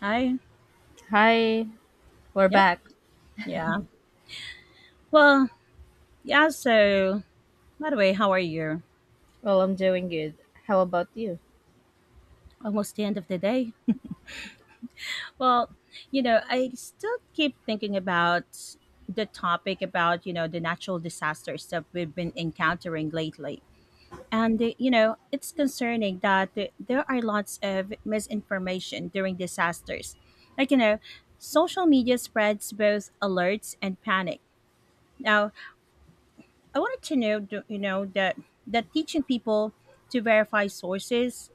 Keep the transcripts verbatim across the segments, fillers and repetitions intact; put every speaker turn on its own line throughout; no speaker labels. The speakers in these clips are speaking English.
Hi.
Hi, we're
Yep.
back.
Yeah. Well, yeah, so by the way, how are you?
Well, I'm doing good. How about you?
Almost the end of the day. Well, you know, I still keep thinking about the topic about, you know, the natural disasters that we've been encountering lately. And, uh, you know, it's concerning that th- there are lots of misinformation during disasters. Like, you know, social media spreads both alerts and panic. Now, I wanted to know, do- you know, that that teaching people to verify sources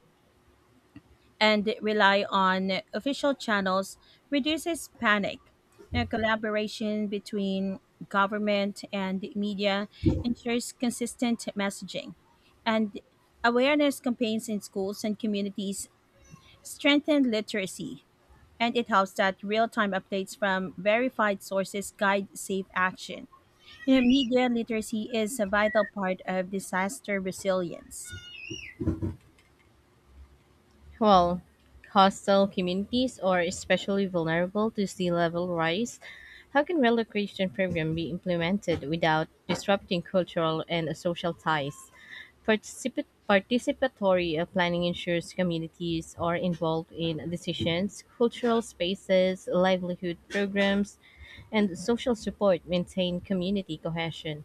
and rely on official channels reduces panic. Now, collaboration between government and media ensures consistent messaging, and awareness campaigns in schools and communities strengthen literacy. And it helps that real-time updates from verified sources guide safe action. You know, media literacy is a vital part of disaster resilience.
Well, hostile communities are especially vulnerable to sea level rise. How can relocation program be implemented without disrupting cultural and social ties? Participat- participatory uh, planning ensures communities are involved in decisions, cultural spaces, livelihood programs, and social support maintain community cohesion.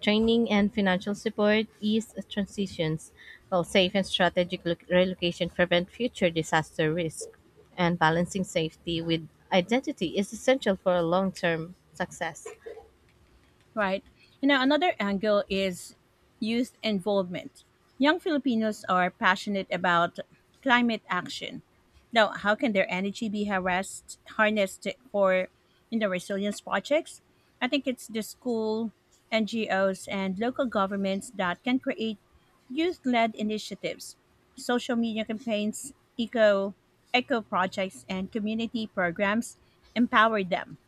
Training and financial support ease transitions, while safe and strategic lo- relocation prevent future disaster risk. And balancing safety with identity is essential for long term success.
Right. And now another angle is youth involvement. Young Filipinos are passionate about climate action. Now, how can their energy be harassed, harnessed for you know, resilience projects? I think it's the school, N G Os, and local governments that can create youth led initiatives, social media campaigns, eco, eco projects, and community programs empower them.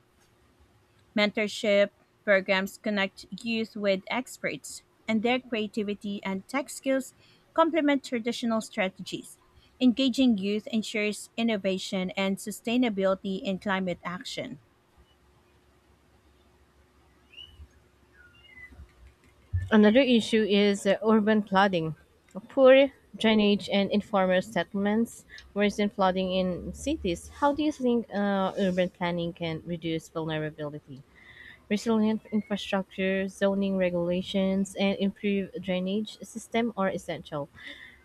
Mentorship programs connect youth with experts, and their creativity and tech skills complement traditional strategies. Engaging youth ensures innovation and sustainability in climate action.
Another issue is uh, urban flooding. Poor drainage and informal settlements worsen flooding in cities. How do you think uh, urban planning can reduce vulnerability? Resilient infrastructure, zoning regulations, and improved drainage system are essential.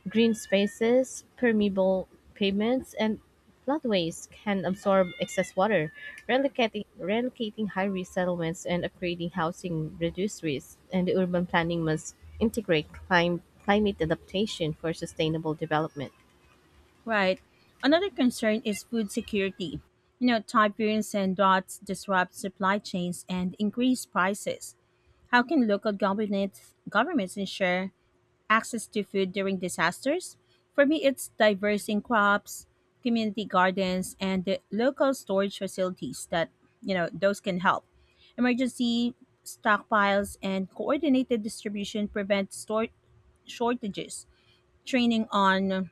Green spaces, permeable pavements, and floodways can absorb excess water, relocating, relocating high-risk settlements and upgrading housing reduce risk. And urban planning must integrate clim- climate adaptation for sustainable development.
Right. Another concern is food security. You know, typhoons and droughts disrupt supply chains and increase prices. How can local governments governments ensure access to food during disasters? For me, it's diversing crops, community gardens, and the local storage facilities that, you know, those can help. Emergency stockpiles and coordinated distribution prevent store shortages. Training on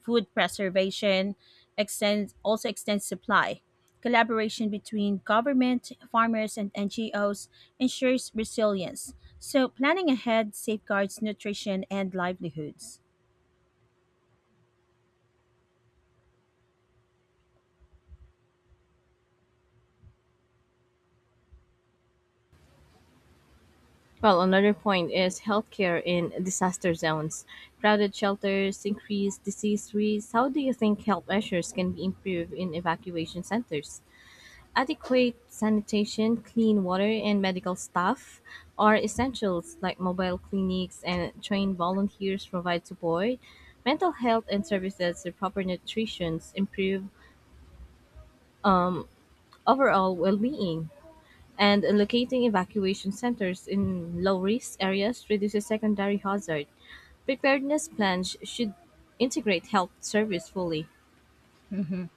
food preservation extends also extends supply. Collaboration between government, farmers, and N G Os ensures resilience. So planning ahead safeguards nutrition and livelihoods.
Well, another point is healthcare in disaster zones. Crowded shelters, increased disease risks. How do you think health measures can be improved in evacuation centers? Adequate sanitation, clean water, and medical staff are essentials, like mobile clinics and trained volunteers provide support. Mental health and services to proper nutrition improve overall well being, and locating evacuation centers in low-risk areas reduces secondary hazard. Preparedness plans should integrate health service fully.
Mhm.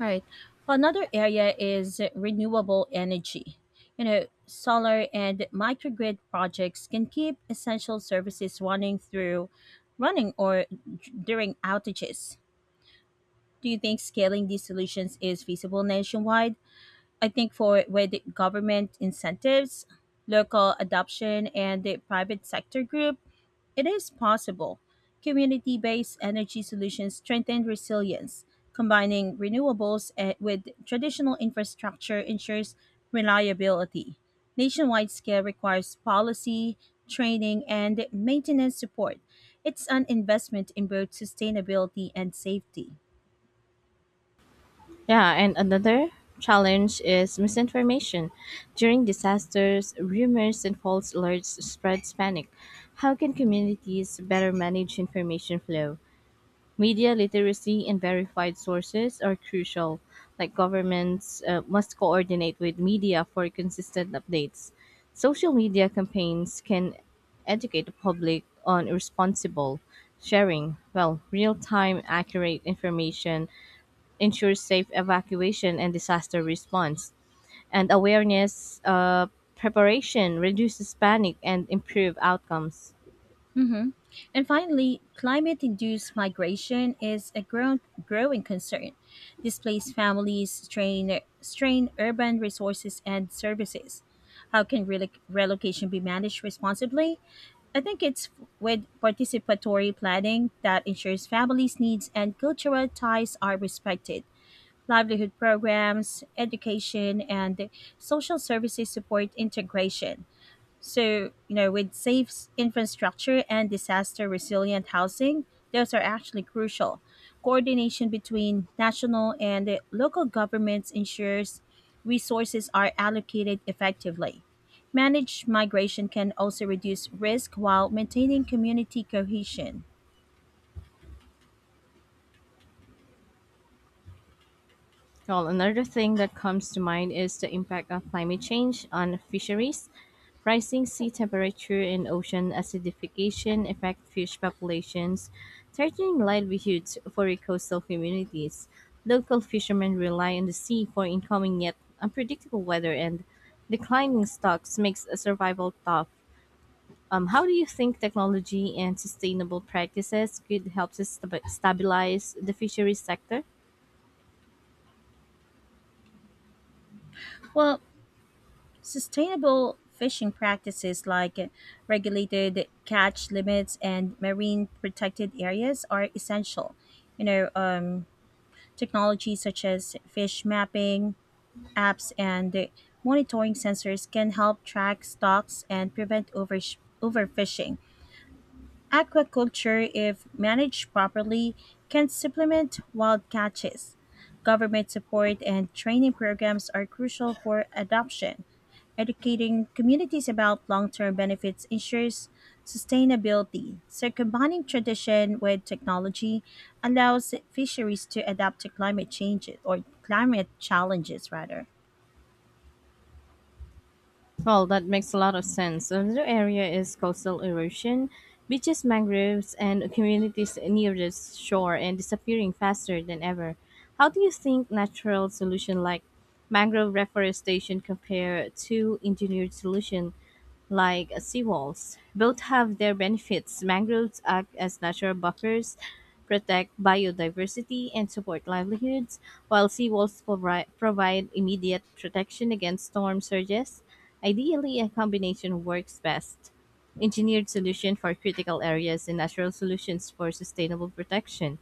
All right. Another area is renewable energy. You know, solar and microgrid projects can keep essential services running through running or d- during outages. Do you think scaling these solutions is feasible nationwide? I think for with the government incentives, local adoption, and the private sector group, it is possible. Community based energy solutions strengthen resilience. Combining renewables eh, with traditional infrastructure ensures reliability. Nationwide scale requires policy, training, and maintenance support. It's an investment in both sustainability and safety.
Yeah, and another challenge is misinformation. During disasters, rumors and false alerts spreads panic. How can communities better manage information flow? Media literacy and verified sources are crucial, like governments uh, must coordinate with media for consistent updates. Social media campaigns can educate the public on responsible sharing. Well, real time, accurate information ensures safe evacuation and disaster response. And awareness uh, preparation reduces panic and improve outcomes.
Hmm. And finally, climate induced migration is a grown, growing concern. Displaced families strain, strain urban resources and services. How can reloc- relocation be managed responsibly? I think it's with participatory planning that ensures families' needs and cultural ties are respected. Livelihood programs, education, and social services support integration. So, you know, with safe s- infrastructure and disaster resilient housing, those are actually crucial. Coordination between national and uh, local governments ensures resources are allocated effectively. Managed migration can also reduce risk while maintaining community cohesion.
Well, another thing that comes to mind is the impact of climate change on fisheries. Rising sea temperature and ocean acidification affect fish populations, threatening livelihoods for coastal communities. Local fishermen rely on the sea for incoming yet unpredictable weather, and declining stocks makes a survival tough. Um, how do you think technology and sustainable practices could help to stab- stabilize the fisheries sector?
Well, sustainable fishing practices like uh, regulated catch limits and marine protected areas are essential. You know, um, Technology such as fish mapping, apps, and monitoring sensors can help track stocks and prevent oversh overfishing. Aquaculture, if managed properly, can supplement wild catches. Government support and training programs are crucial for adoption. Educating communities about long term benefits ensures sustainability. So, combining tradition with technology allows fisheries to adapt to climate change or climate challenges, rather.
Well, that makes a lot of sense. Another area is coastal erosion. Beaches, mangroves, and communities near the shore and disappearing faster than ever. How do you think natural solution like mangrove reforestation compare to engineered solution like seawalls? Both have their benefits. Mangroves act as natural buffers, protect biodiversity, and support livelihoods, while seawalls provi- provide immediate protection against storm surges. Ideally, a combination works best. Engineered solution for critical areas and natural solutions for sustainable protection.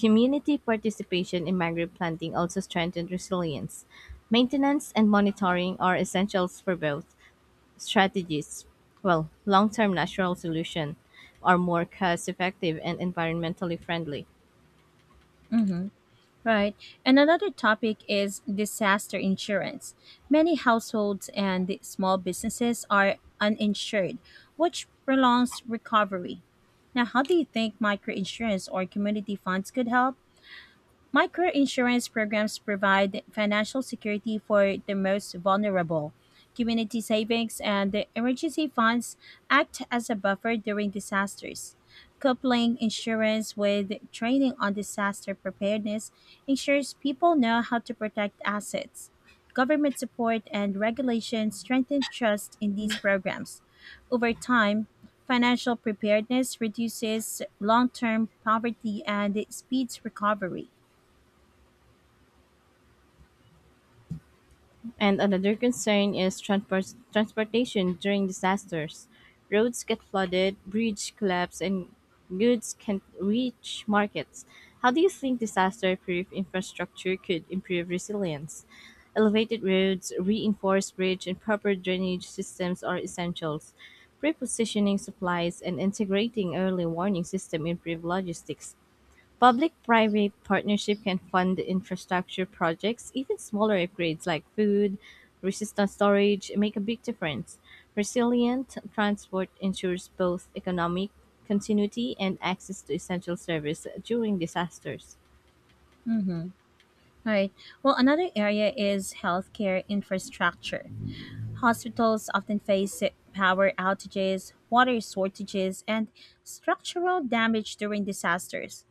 Community participation in mangrove planting also strengthened resilience. Maintenance and monitoring are essentials for both strategies, well, long-term natural solution are more cost effective and environmentally friendly.
Mhm. Right. And another topic is disaster insurance. Many households and the small businesses are uninsured, which prolongs recovery. Now, how do you think microinsurance or community funds could help? Microinsurance programs provide financial security for the most vulnerable. Community savings and emergency funds act as a buffer during disasters. Coupling insurance with training on disaster preparedness ensures people know how to protect assets. Government support and regulation strengthen trust in these programs. Over time, financial preparedness reduces long term poverty and speeds recovery.
And another concern is transport- transportation during disasters. Roads get flooded, bridges collapse, and goods can't reach markets. How do you think disaster proof infrastructure could improve resilience? Elevated roads, reinforced bridge, and proper drainage systems are essentials. Prepositioning supplies and integrating early warning system improve logistics. Public-private partnership can fund infrastructure projects, even smaller upgrades like food, resistant storage make a big difference. Resilient transport ensures both economic continuity and access to essential service during disasters.
Mm-hmm. All right. Well, another area is healthcare infrastructure. Hospitals often face power outages, water shortages, and structural damage during disasters.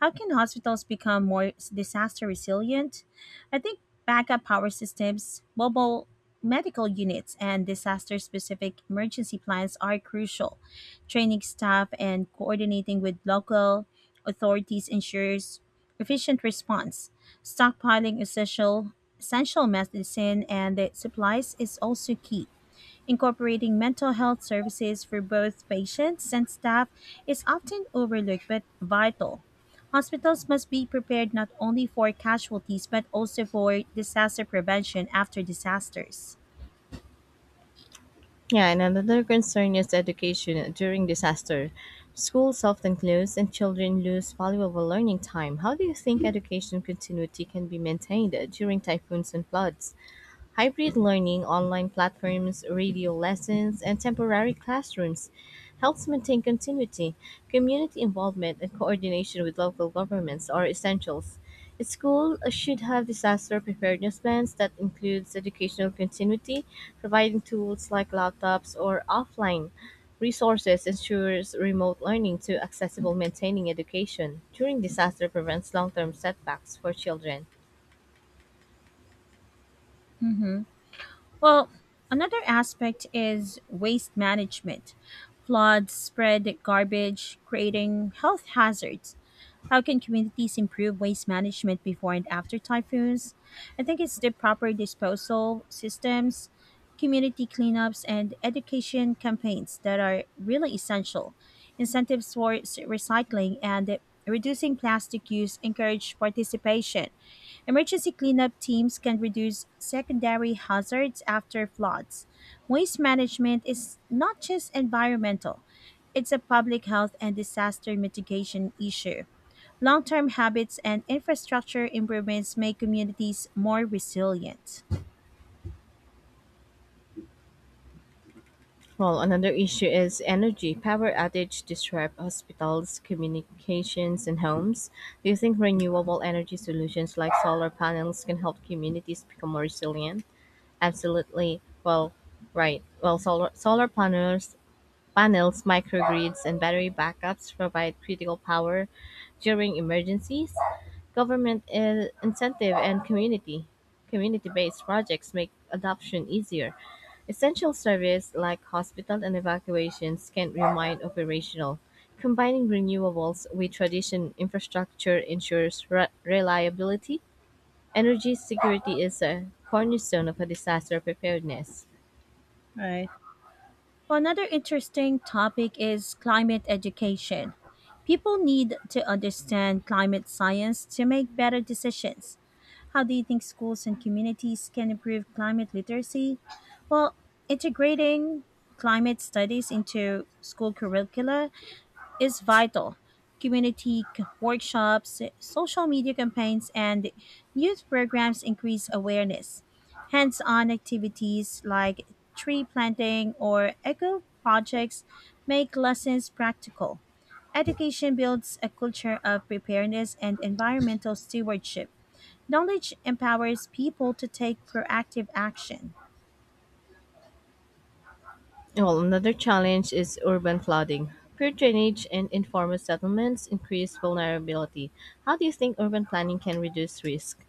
How can hospitals become more s- disaster resilient? I think backup power systems, mobile medical units, and disaster specific emergency plans are crucial. Training staff and coordinating with local authorities ensures efficient response. Stockpiling essential essential medicine and the supplies is also key. Incorporating mental health services for both patients and staff is often overlooked but vital. Hospitals must be prepared not only for casualties but also for disaster prevention after disasters.
Yeah, and another concern is education during disaster. Schools often close and children lose valuable learning time. How do you think education continuity can be maintained during typhoons and floods? Hybrid learning, online platforms, radio lessons, and temporary classrooms helps maintain continuity. Community involvement and coordination with local governments are essentials. A school should have disaster preparedness plans that includes educational continuity, providing tools like laptops or offline resources ensures remote learning to accessible maintaining education during disaster prevents long-term setbacks for children.
Mhm. Well, another aspect is waste management. Floods spread garbage, creating health hazards. How can communities improve waste management before and after typhoons? I think it's the proper disposal systems, community cleanups, and education campaigns that are really essential. Incentives for s- recycling and reducing plastic use encourage participation. Emergency cleanup teams can reduce secondary hazards after floods. Waste management is not just environmental, it's a public health and disaster mitigation issue. Long term habits and infrastructure improvements make communities more resilient.
Well, another issue is energy. Power outage disrupt hospitals, communications, and homes. Do you think renewable energy solutions like solar panels can help communities become more resilient? Absolutely. Well, right. Well, solar solar panels Panels, microgrids, and battery backups provide critical power during emergencies. Government in- incentive and community community-based projects make adoption easier. Essential service like hospital and evacuations can remain operational. Combining renewables with traditional infrastructure ensures re- reliability. Energy security is a cornerstone of a disaster preparedness.
Right. Well, another interesting topic is climate education. People need to understand climate science to make better decisions. How do you think schools and communities can improve climate literacy? Well, integrating climate studies into school curricula is vital. Community c- workshops, social media campaigns, and youth programs increase awareness. Hands on activities like tree planting or eco projects make lessons practical. Education builds a culture of preparedness and environmental stewardship. Knowledge empowers people to take proactive action.
Well, another challenge is urban flooding. Poor drainage and informal settlements increase vulnerability. How do you think urban planning can reduce risk?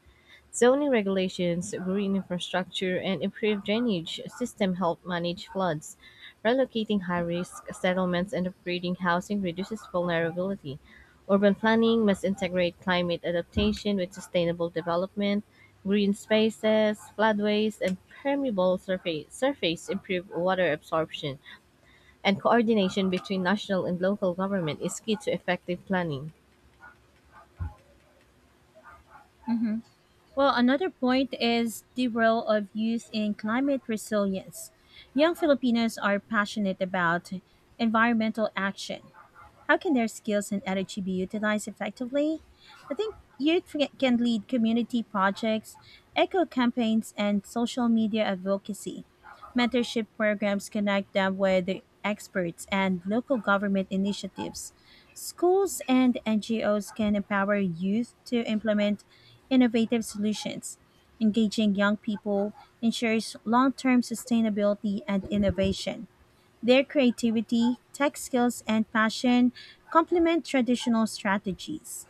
Zoning regulations, green infrastructure, and improved drainage system help manage floods. Relocating high-risk settlements and upgrading housing reduces vulnerability. Urban planning must integrate climate adaptation with sustainable development, green spaces, floodways, and permeable surface, surface improve water absorption, and coordination between national and local government is key to effective planning.
Hmm. Well, another point is the role of youth in climate resilience. Young Filipinos are passionate about environmental action. How can their skills and energy be utilized effectively? I think youth f- can lead community projects, eco campaigns, and social media advocacy. Mentorship programs connect them with the experts and local government initiatives. Schools and N G Os can empower youth to implement innovative solutions. Engaging young people ensures long term sustainability and innovation. Their creativity, tech skills, and passion complement traditional strategies.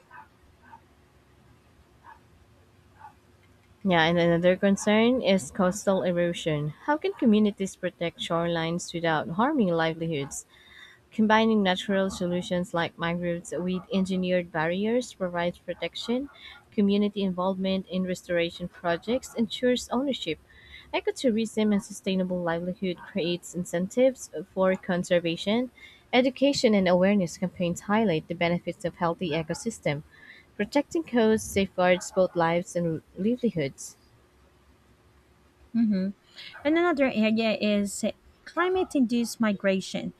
Yeah, and another concern is coastal erosion. How can communities protect shorelines without harming livelihoods? Combining natural solutions like mangroves with engineered barriers provides protection, community involvement in restoration projects ensures ownership. Ecotourism and sustainable livelihood creates incentives for conservation. Education and awareness campaigns highlight the benefits of healthy ecosystem. Protecting coasts safeguards both lives and livelihoods.
Mhm. And another area is climate induced migration.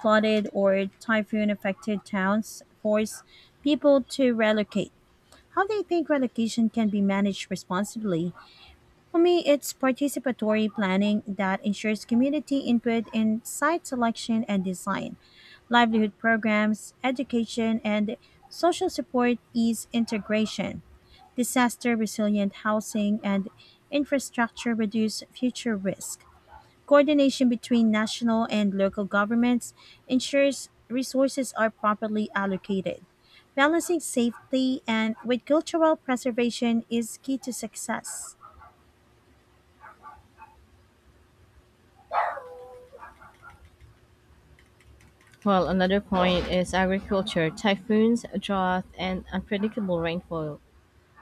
Flooded or typhoon affected towns force people to relocate. How do you think relocation can be managed responsibly? For me, it's participatory planning that ensures community input in site selection and design. Livelihood programs, education, and social support ease integration. Disaster resilient housing and infrastructure reduce future risk. Coordination between national and local governments ensures resources are properly allocated. Balancing safety and with cultural preservation is key to success.
Well, another point is agriculture. Typhoons, drought, and unpredictable rainfall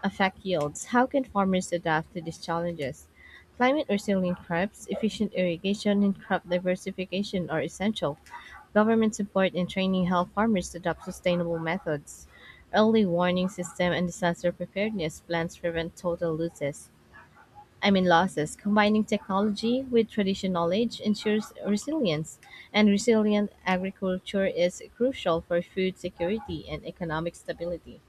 affect yields? How can farmers adapt to these challenges? Climate resilient crops, efficient irrigation, and crop diversification are essential. Government support and training help farmers adopt sustainable methods. Early warning system and disaster preparedness plans prevent total losses. I mean losses. Combining technology with traditional knowledge ensures resilience, and resilient agriculture is crucial for food security and economic stability.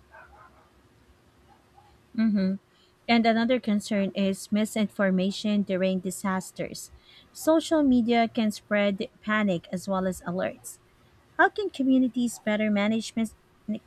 Mhm. And another concern is misinformation during disasters. Social media can spread panic as well as alerts. How can communities better management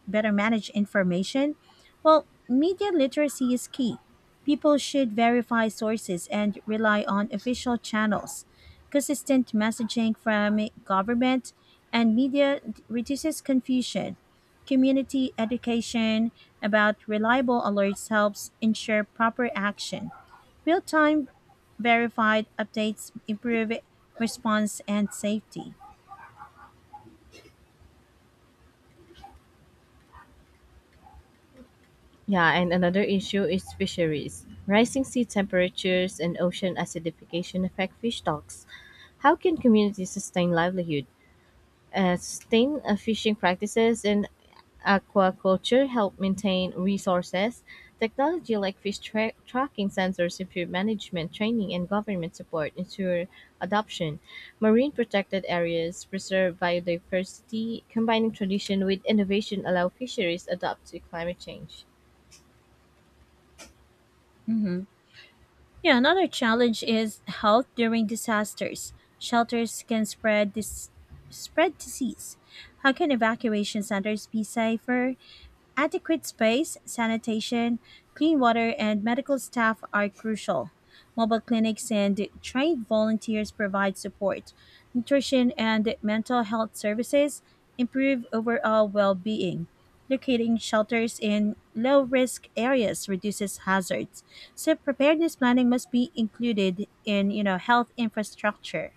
better manage information? Well, media literacy is key. People should verify sources and rely on official channels. Consistent messaging from government and media reduces confusion. Community education about reliable alerts helps ensure proper action. Real time verified updates improve response and safety.
Yeah, and another issue is fisheries. Rising sea temperatures and ocean acidification affect fish stocks. How can communities sustain livelihood? Uh, sustain uh, fishing practices and aquaculture help maintain resources. Technology like fish tra- tracking sensors improve management training and government support ensure adoption. Marine protected areas preserve biodiversity. Combining tradition with innovation allow fisheries adapt to climate change.
Mhm. Yeah, another challenge is health during disasters. Shelters can spread this spread disease. How can evacuation centers be safer? Adequate space, sanitation, clean water, and medical staff are crucial. Mobile clinics and trained volunteers provide support, nutrition, and mental health services, improve overall well being. Locating shelters in low risk areas reduces hazards. So preparedness planning must be included in you know health infrastructure.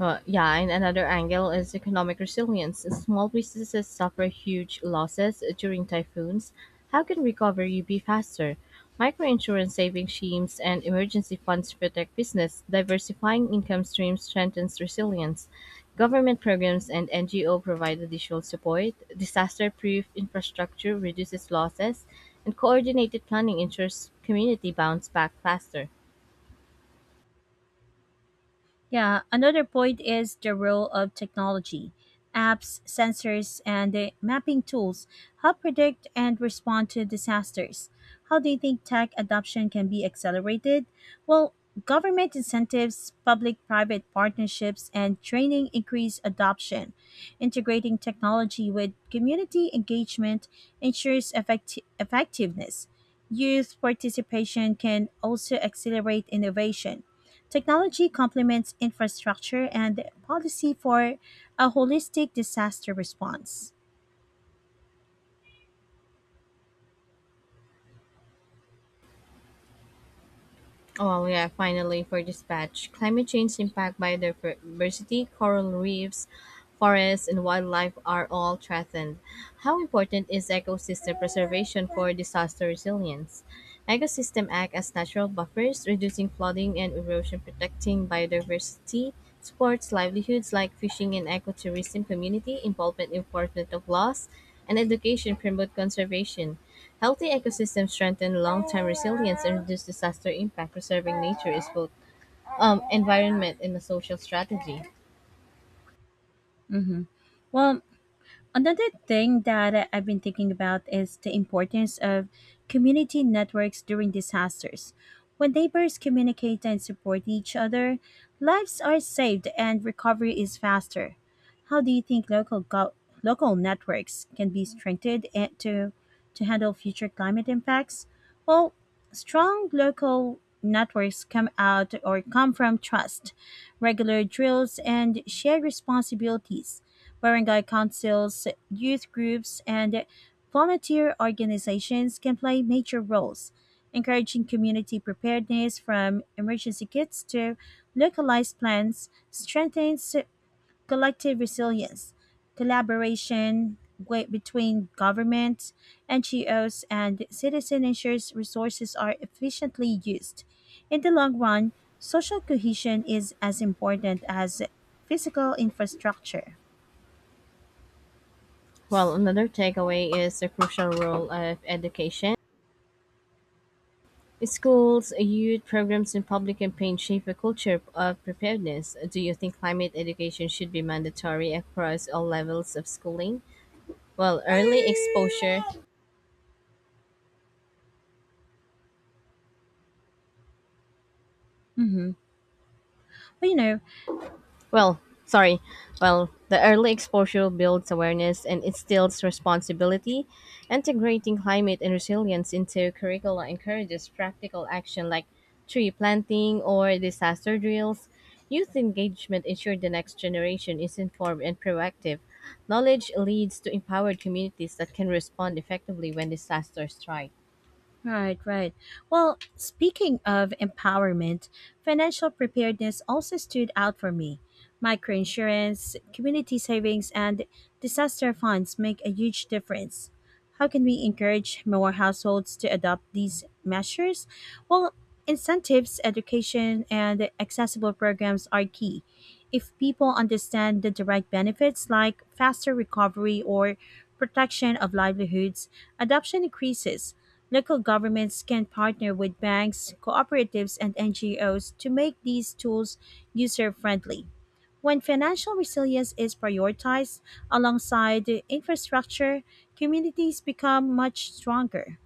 Uh, yeah, and another angle is economic resilience. Small businesses suffer huge losses during typhoons. How can recovery be faster? Microinsurance saving schemes and emergency funds protect business. Diversifying income streams strengthens resilience. Government programs and N G O provide additional support. Disaster proof infrastructure reduces losses, and coordinated planning ensures community bounce back faster.
Yeah, another point is the role of technology. Apps, sensors, and the mapping tools help predict and respond to disasters. How do you think tech adoption can be accelerated? Well, government incentives, public private partnerships, and training increase adoption. Integrating technology with community engagement ensures effecti- effectiveness. Youth participation can also accelerate innovation. Technology complements infrastructure and policy for a holistic disaster response.
Oh yeah, finally for dispatch. Climate change impact biodiversity, coral reefs, forests, and wildlife are all threatened. How important is ecosystem preservation for disaster resilience? Ecosystem act as natural buffers, reducing flooding and erosion, protecting biodiversity, supports livelihoods like fishing and ecotourism community, involvement enforcement of laws, and education promote conservation. Healthy ecosystems strengthen long-term resilience and reduce disaster impact. Preserving nature is both um, environment and a social strategy.
Mm-hmm. Well, another thing that I've been thinking about is the importance of community networks during disasters. When neighbors communicate and support each other, lives are saved and recovery is faster. How do you think local gov- local networks can be strengthened and to to handle future climate impacts? Well, strong local networks come out or come from trust, regular drills and shared responsibilities. Barangay councils, youth groups and volunteer organizations can play major roles, encouraging community preparedness from emergency kits to localized plans strengthens collective resilience, collaboration gwe- between governments, N G Os, and citizen ensures resources are efficiently used. In the long run, social cohesion is as important as physical infrastructure.
Well, another takeaway is the crucial role of education. Schools, youth programs, and public campaigns shape a culture of preparedness. Do you think climate education should be mandatory across all levels of schooling? Well, early exposure
Mhm. But you know,
Well, sorry. Well, the early exposure builds awareness and instills responsibility. Integrating climate and resilience into curricula encourages practical action like tree planting or disaster drills. Youth engagement ensures the next generation is informed and proactive. Knowledge leads to empowered communities that can respond effectively when disasters strike.
right, right. Well, speaking of empowerment, financial preparedness also stood out for me. Microinsurance, community savings, and disaster funds make a huge difference. How can we encourage more households to adopt these measures? Well, incentives, education, and accessible programs are key. If people understand the direct benefits like faster recovery or protection of livelihoods, adoption increases. Local governments can partner with banks, cooperatives, and N G Os to make these tools user friendly. When financial resilience is prioritized alongside the infrastructure, communities become much stronger.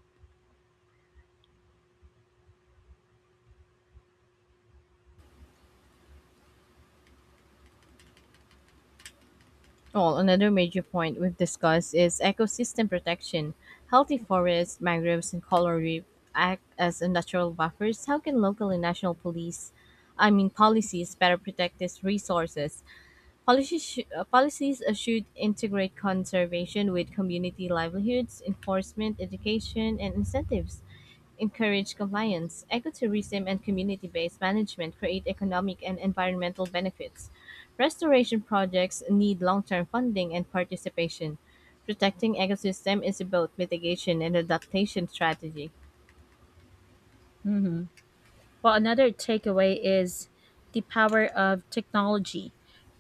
Well, another major point we've discussed is ecosystem protection. Healthy forests, mangroves, and coral reef act as a natural buffers. How can local and national police, I mean policies, better protect these resources? Policies, sh- uh, policies uh, should integrate conservation with community livelihoods, enforcement, education, and incentives encourage compliance. Ecotourism and community-based management create economic and environmental benefits. Restoration projects need long-term funding and participation. Protecting ecosystem is both mitigation and adaptation strategy.
Well, another takeaway is the power of technology.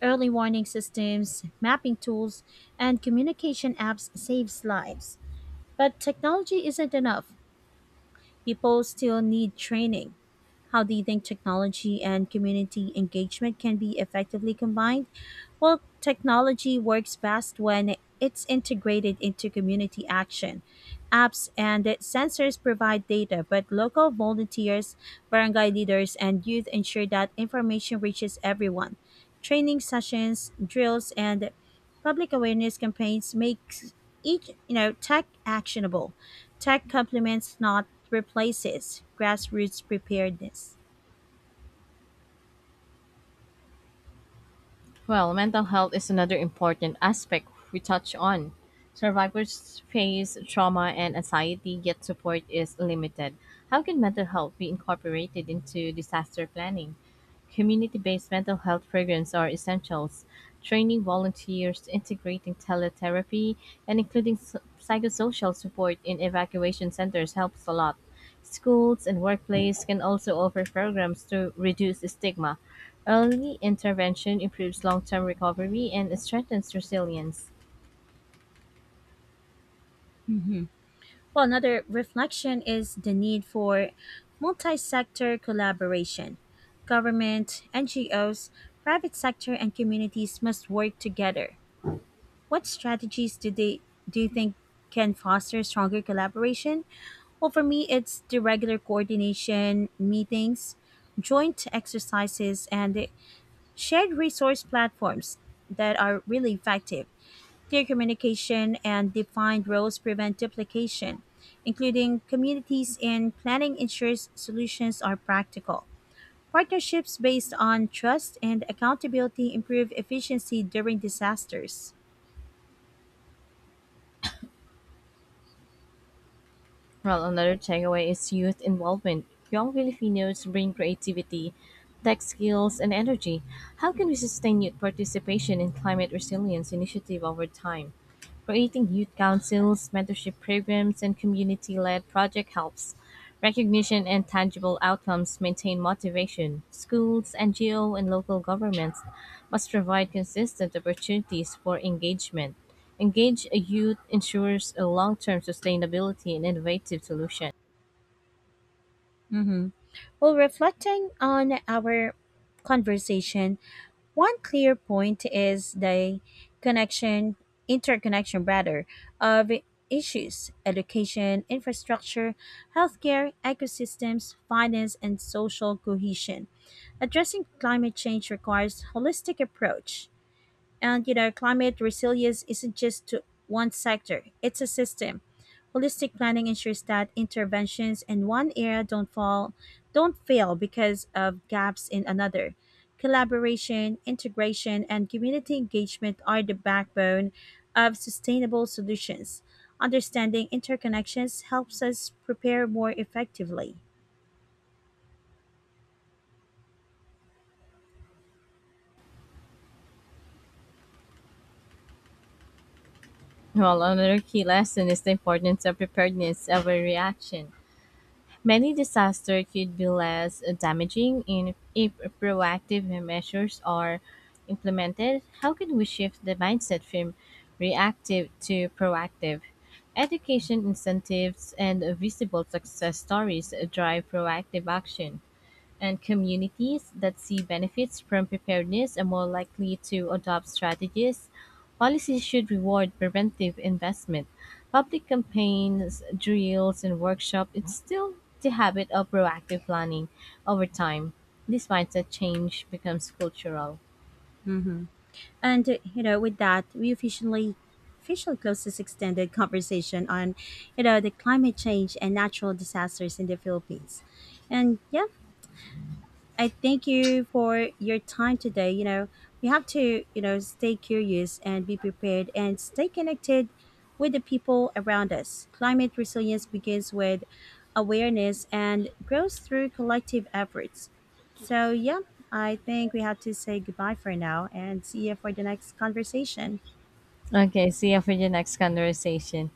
Early warning systems, mapping tools, and communication apps saves lives. But technology isn't enough. People still need training. How do you think technology and community engagement can be effectively combined? Well, technology works best when it's integrated into community action. Apps and sensors provide data, but local volunteers, barangay leaders, and youth ensure that information reaches everyone. Training sessions, drills, and public awareness campaigns make each you know tech actionable. Tech complements, not replaces, grassroots preparedness.
Well, mental health is another important aspect we touch on. Survivors face trauma and anxiety, yet support is limited. How can mental health be incorporated into disaster planning? Community based mental health programs are essentials. Training volunteers, integrating teletherapy, and including s- psychosocial support in evacuation centers helps a lot. Schools and workplace can also offer programs to reduce stigma. Early intervention improves long-term recovery and strengthens resilience.
Hmm. Well, another reflection is the need for multi sector collaboration. Government, N G Os, private sector, and communities must work together. What strategies do, they, do you think can foster stronger collaboration? Well, for me, it's the regular coordination, meetings, joint exercises, and shared resource platforms that are really effective. Clear communication and defined roles prevent duplication. Including communities in planning ensures solutions are practical. Partnerships based on trust and accountability improve efficiency during disasters.
Well, another takeaway is youth involvement. Young Filipinos bring creativity, tech skills, and energy. How can we sustain youth participation in climate resilience initiative over time? Creating youth councils, mentorship programs, and community-led project helps recognition and tangible outcomes maintain motivation. Schools, N G O, and local governments must provide consistent opportunities for engagement. Engage a youth ensures a long-term sustainability and innovative solution.
Mm-hmm. Well, reflecting on our conversation, one clear point is the connection, interconnection rather, of issues education, infrastructure, healthcare, ecosystems, finance, and social cohesion. Addressing climate change requires holistic approach. And you know, climate resilience isn't just to one sector, it's a system. Holistic planning ensures that interventions in one area don't fall don't fail because of gaps in another. Collaboration, integration, and community engagement are the backbone of sustainable solutions. Understanding interconnections helps us prepare more effectively.
Well, another key lesson is the importance of preparedness over reaction. Many disasters could be less damaging in, if proactive measures are implemented. How can we shift the mindset from reactive to proactive? Education incentives and visible success stories drive proactive action and communities that see benefits from preparedness are more likely to adopt strategies. Policies should reward preventive investment. Public campaigns, drills, and workshops instill the habit of proactive planning over time. This mindset change becomes cultural.
Mm-hmm. And uh, you know, with that, we officially officially close this extended conversation on, you know, the climate change and natural disasters in the Philippines. And yeah, I thank you for your time today. You know, we have to, you know, stay curious and be prepared and stay connected with the people around us. Climate resilience begins with awareness and grows through collective efforts. So, yeah, I think we have to say goodbye for now and see you for the next conversation.
Okay, see you for the next conversation.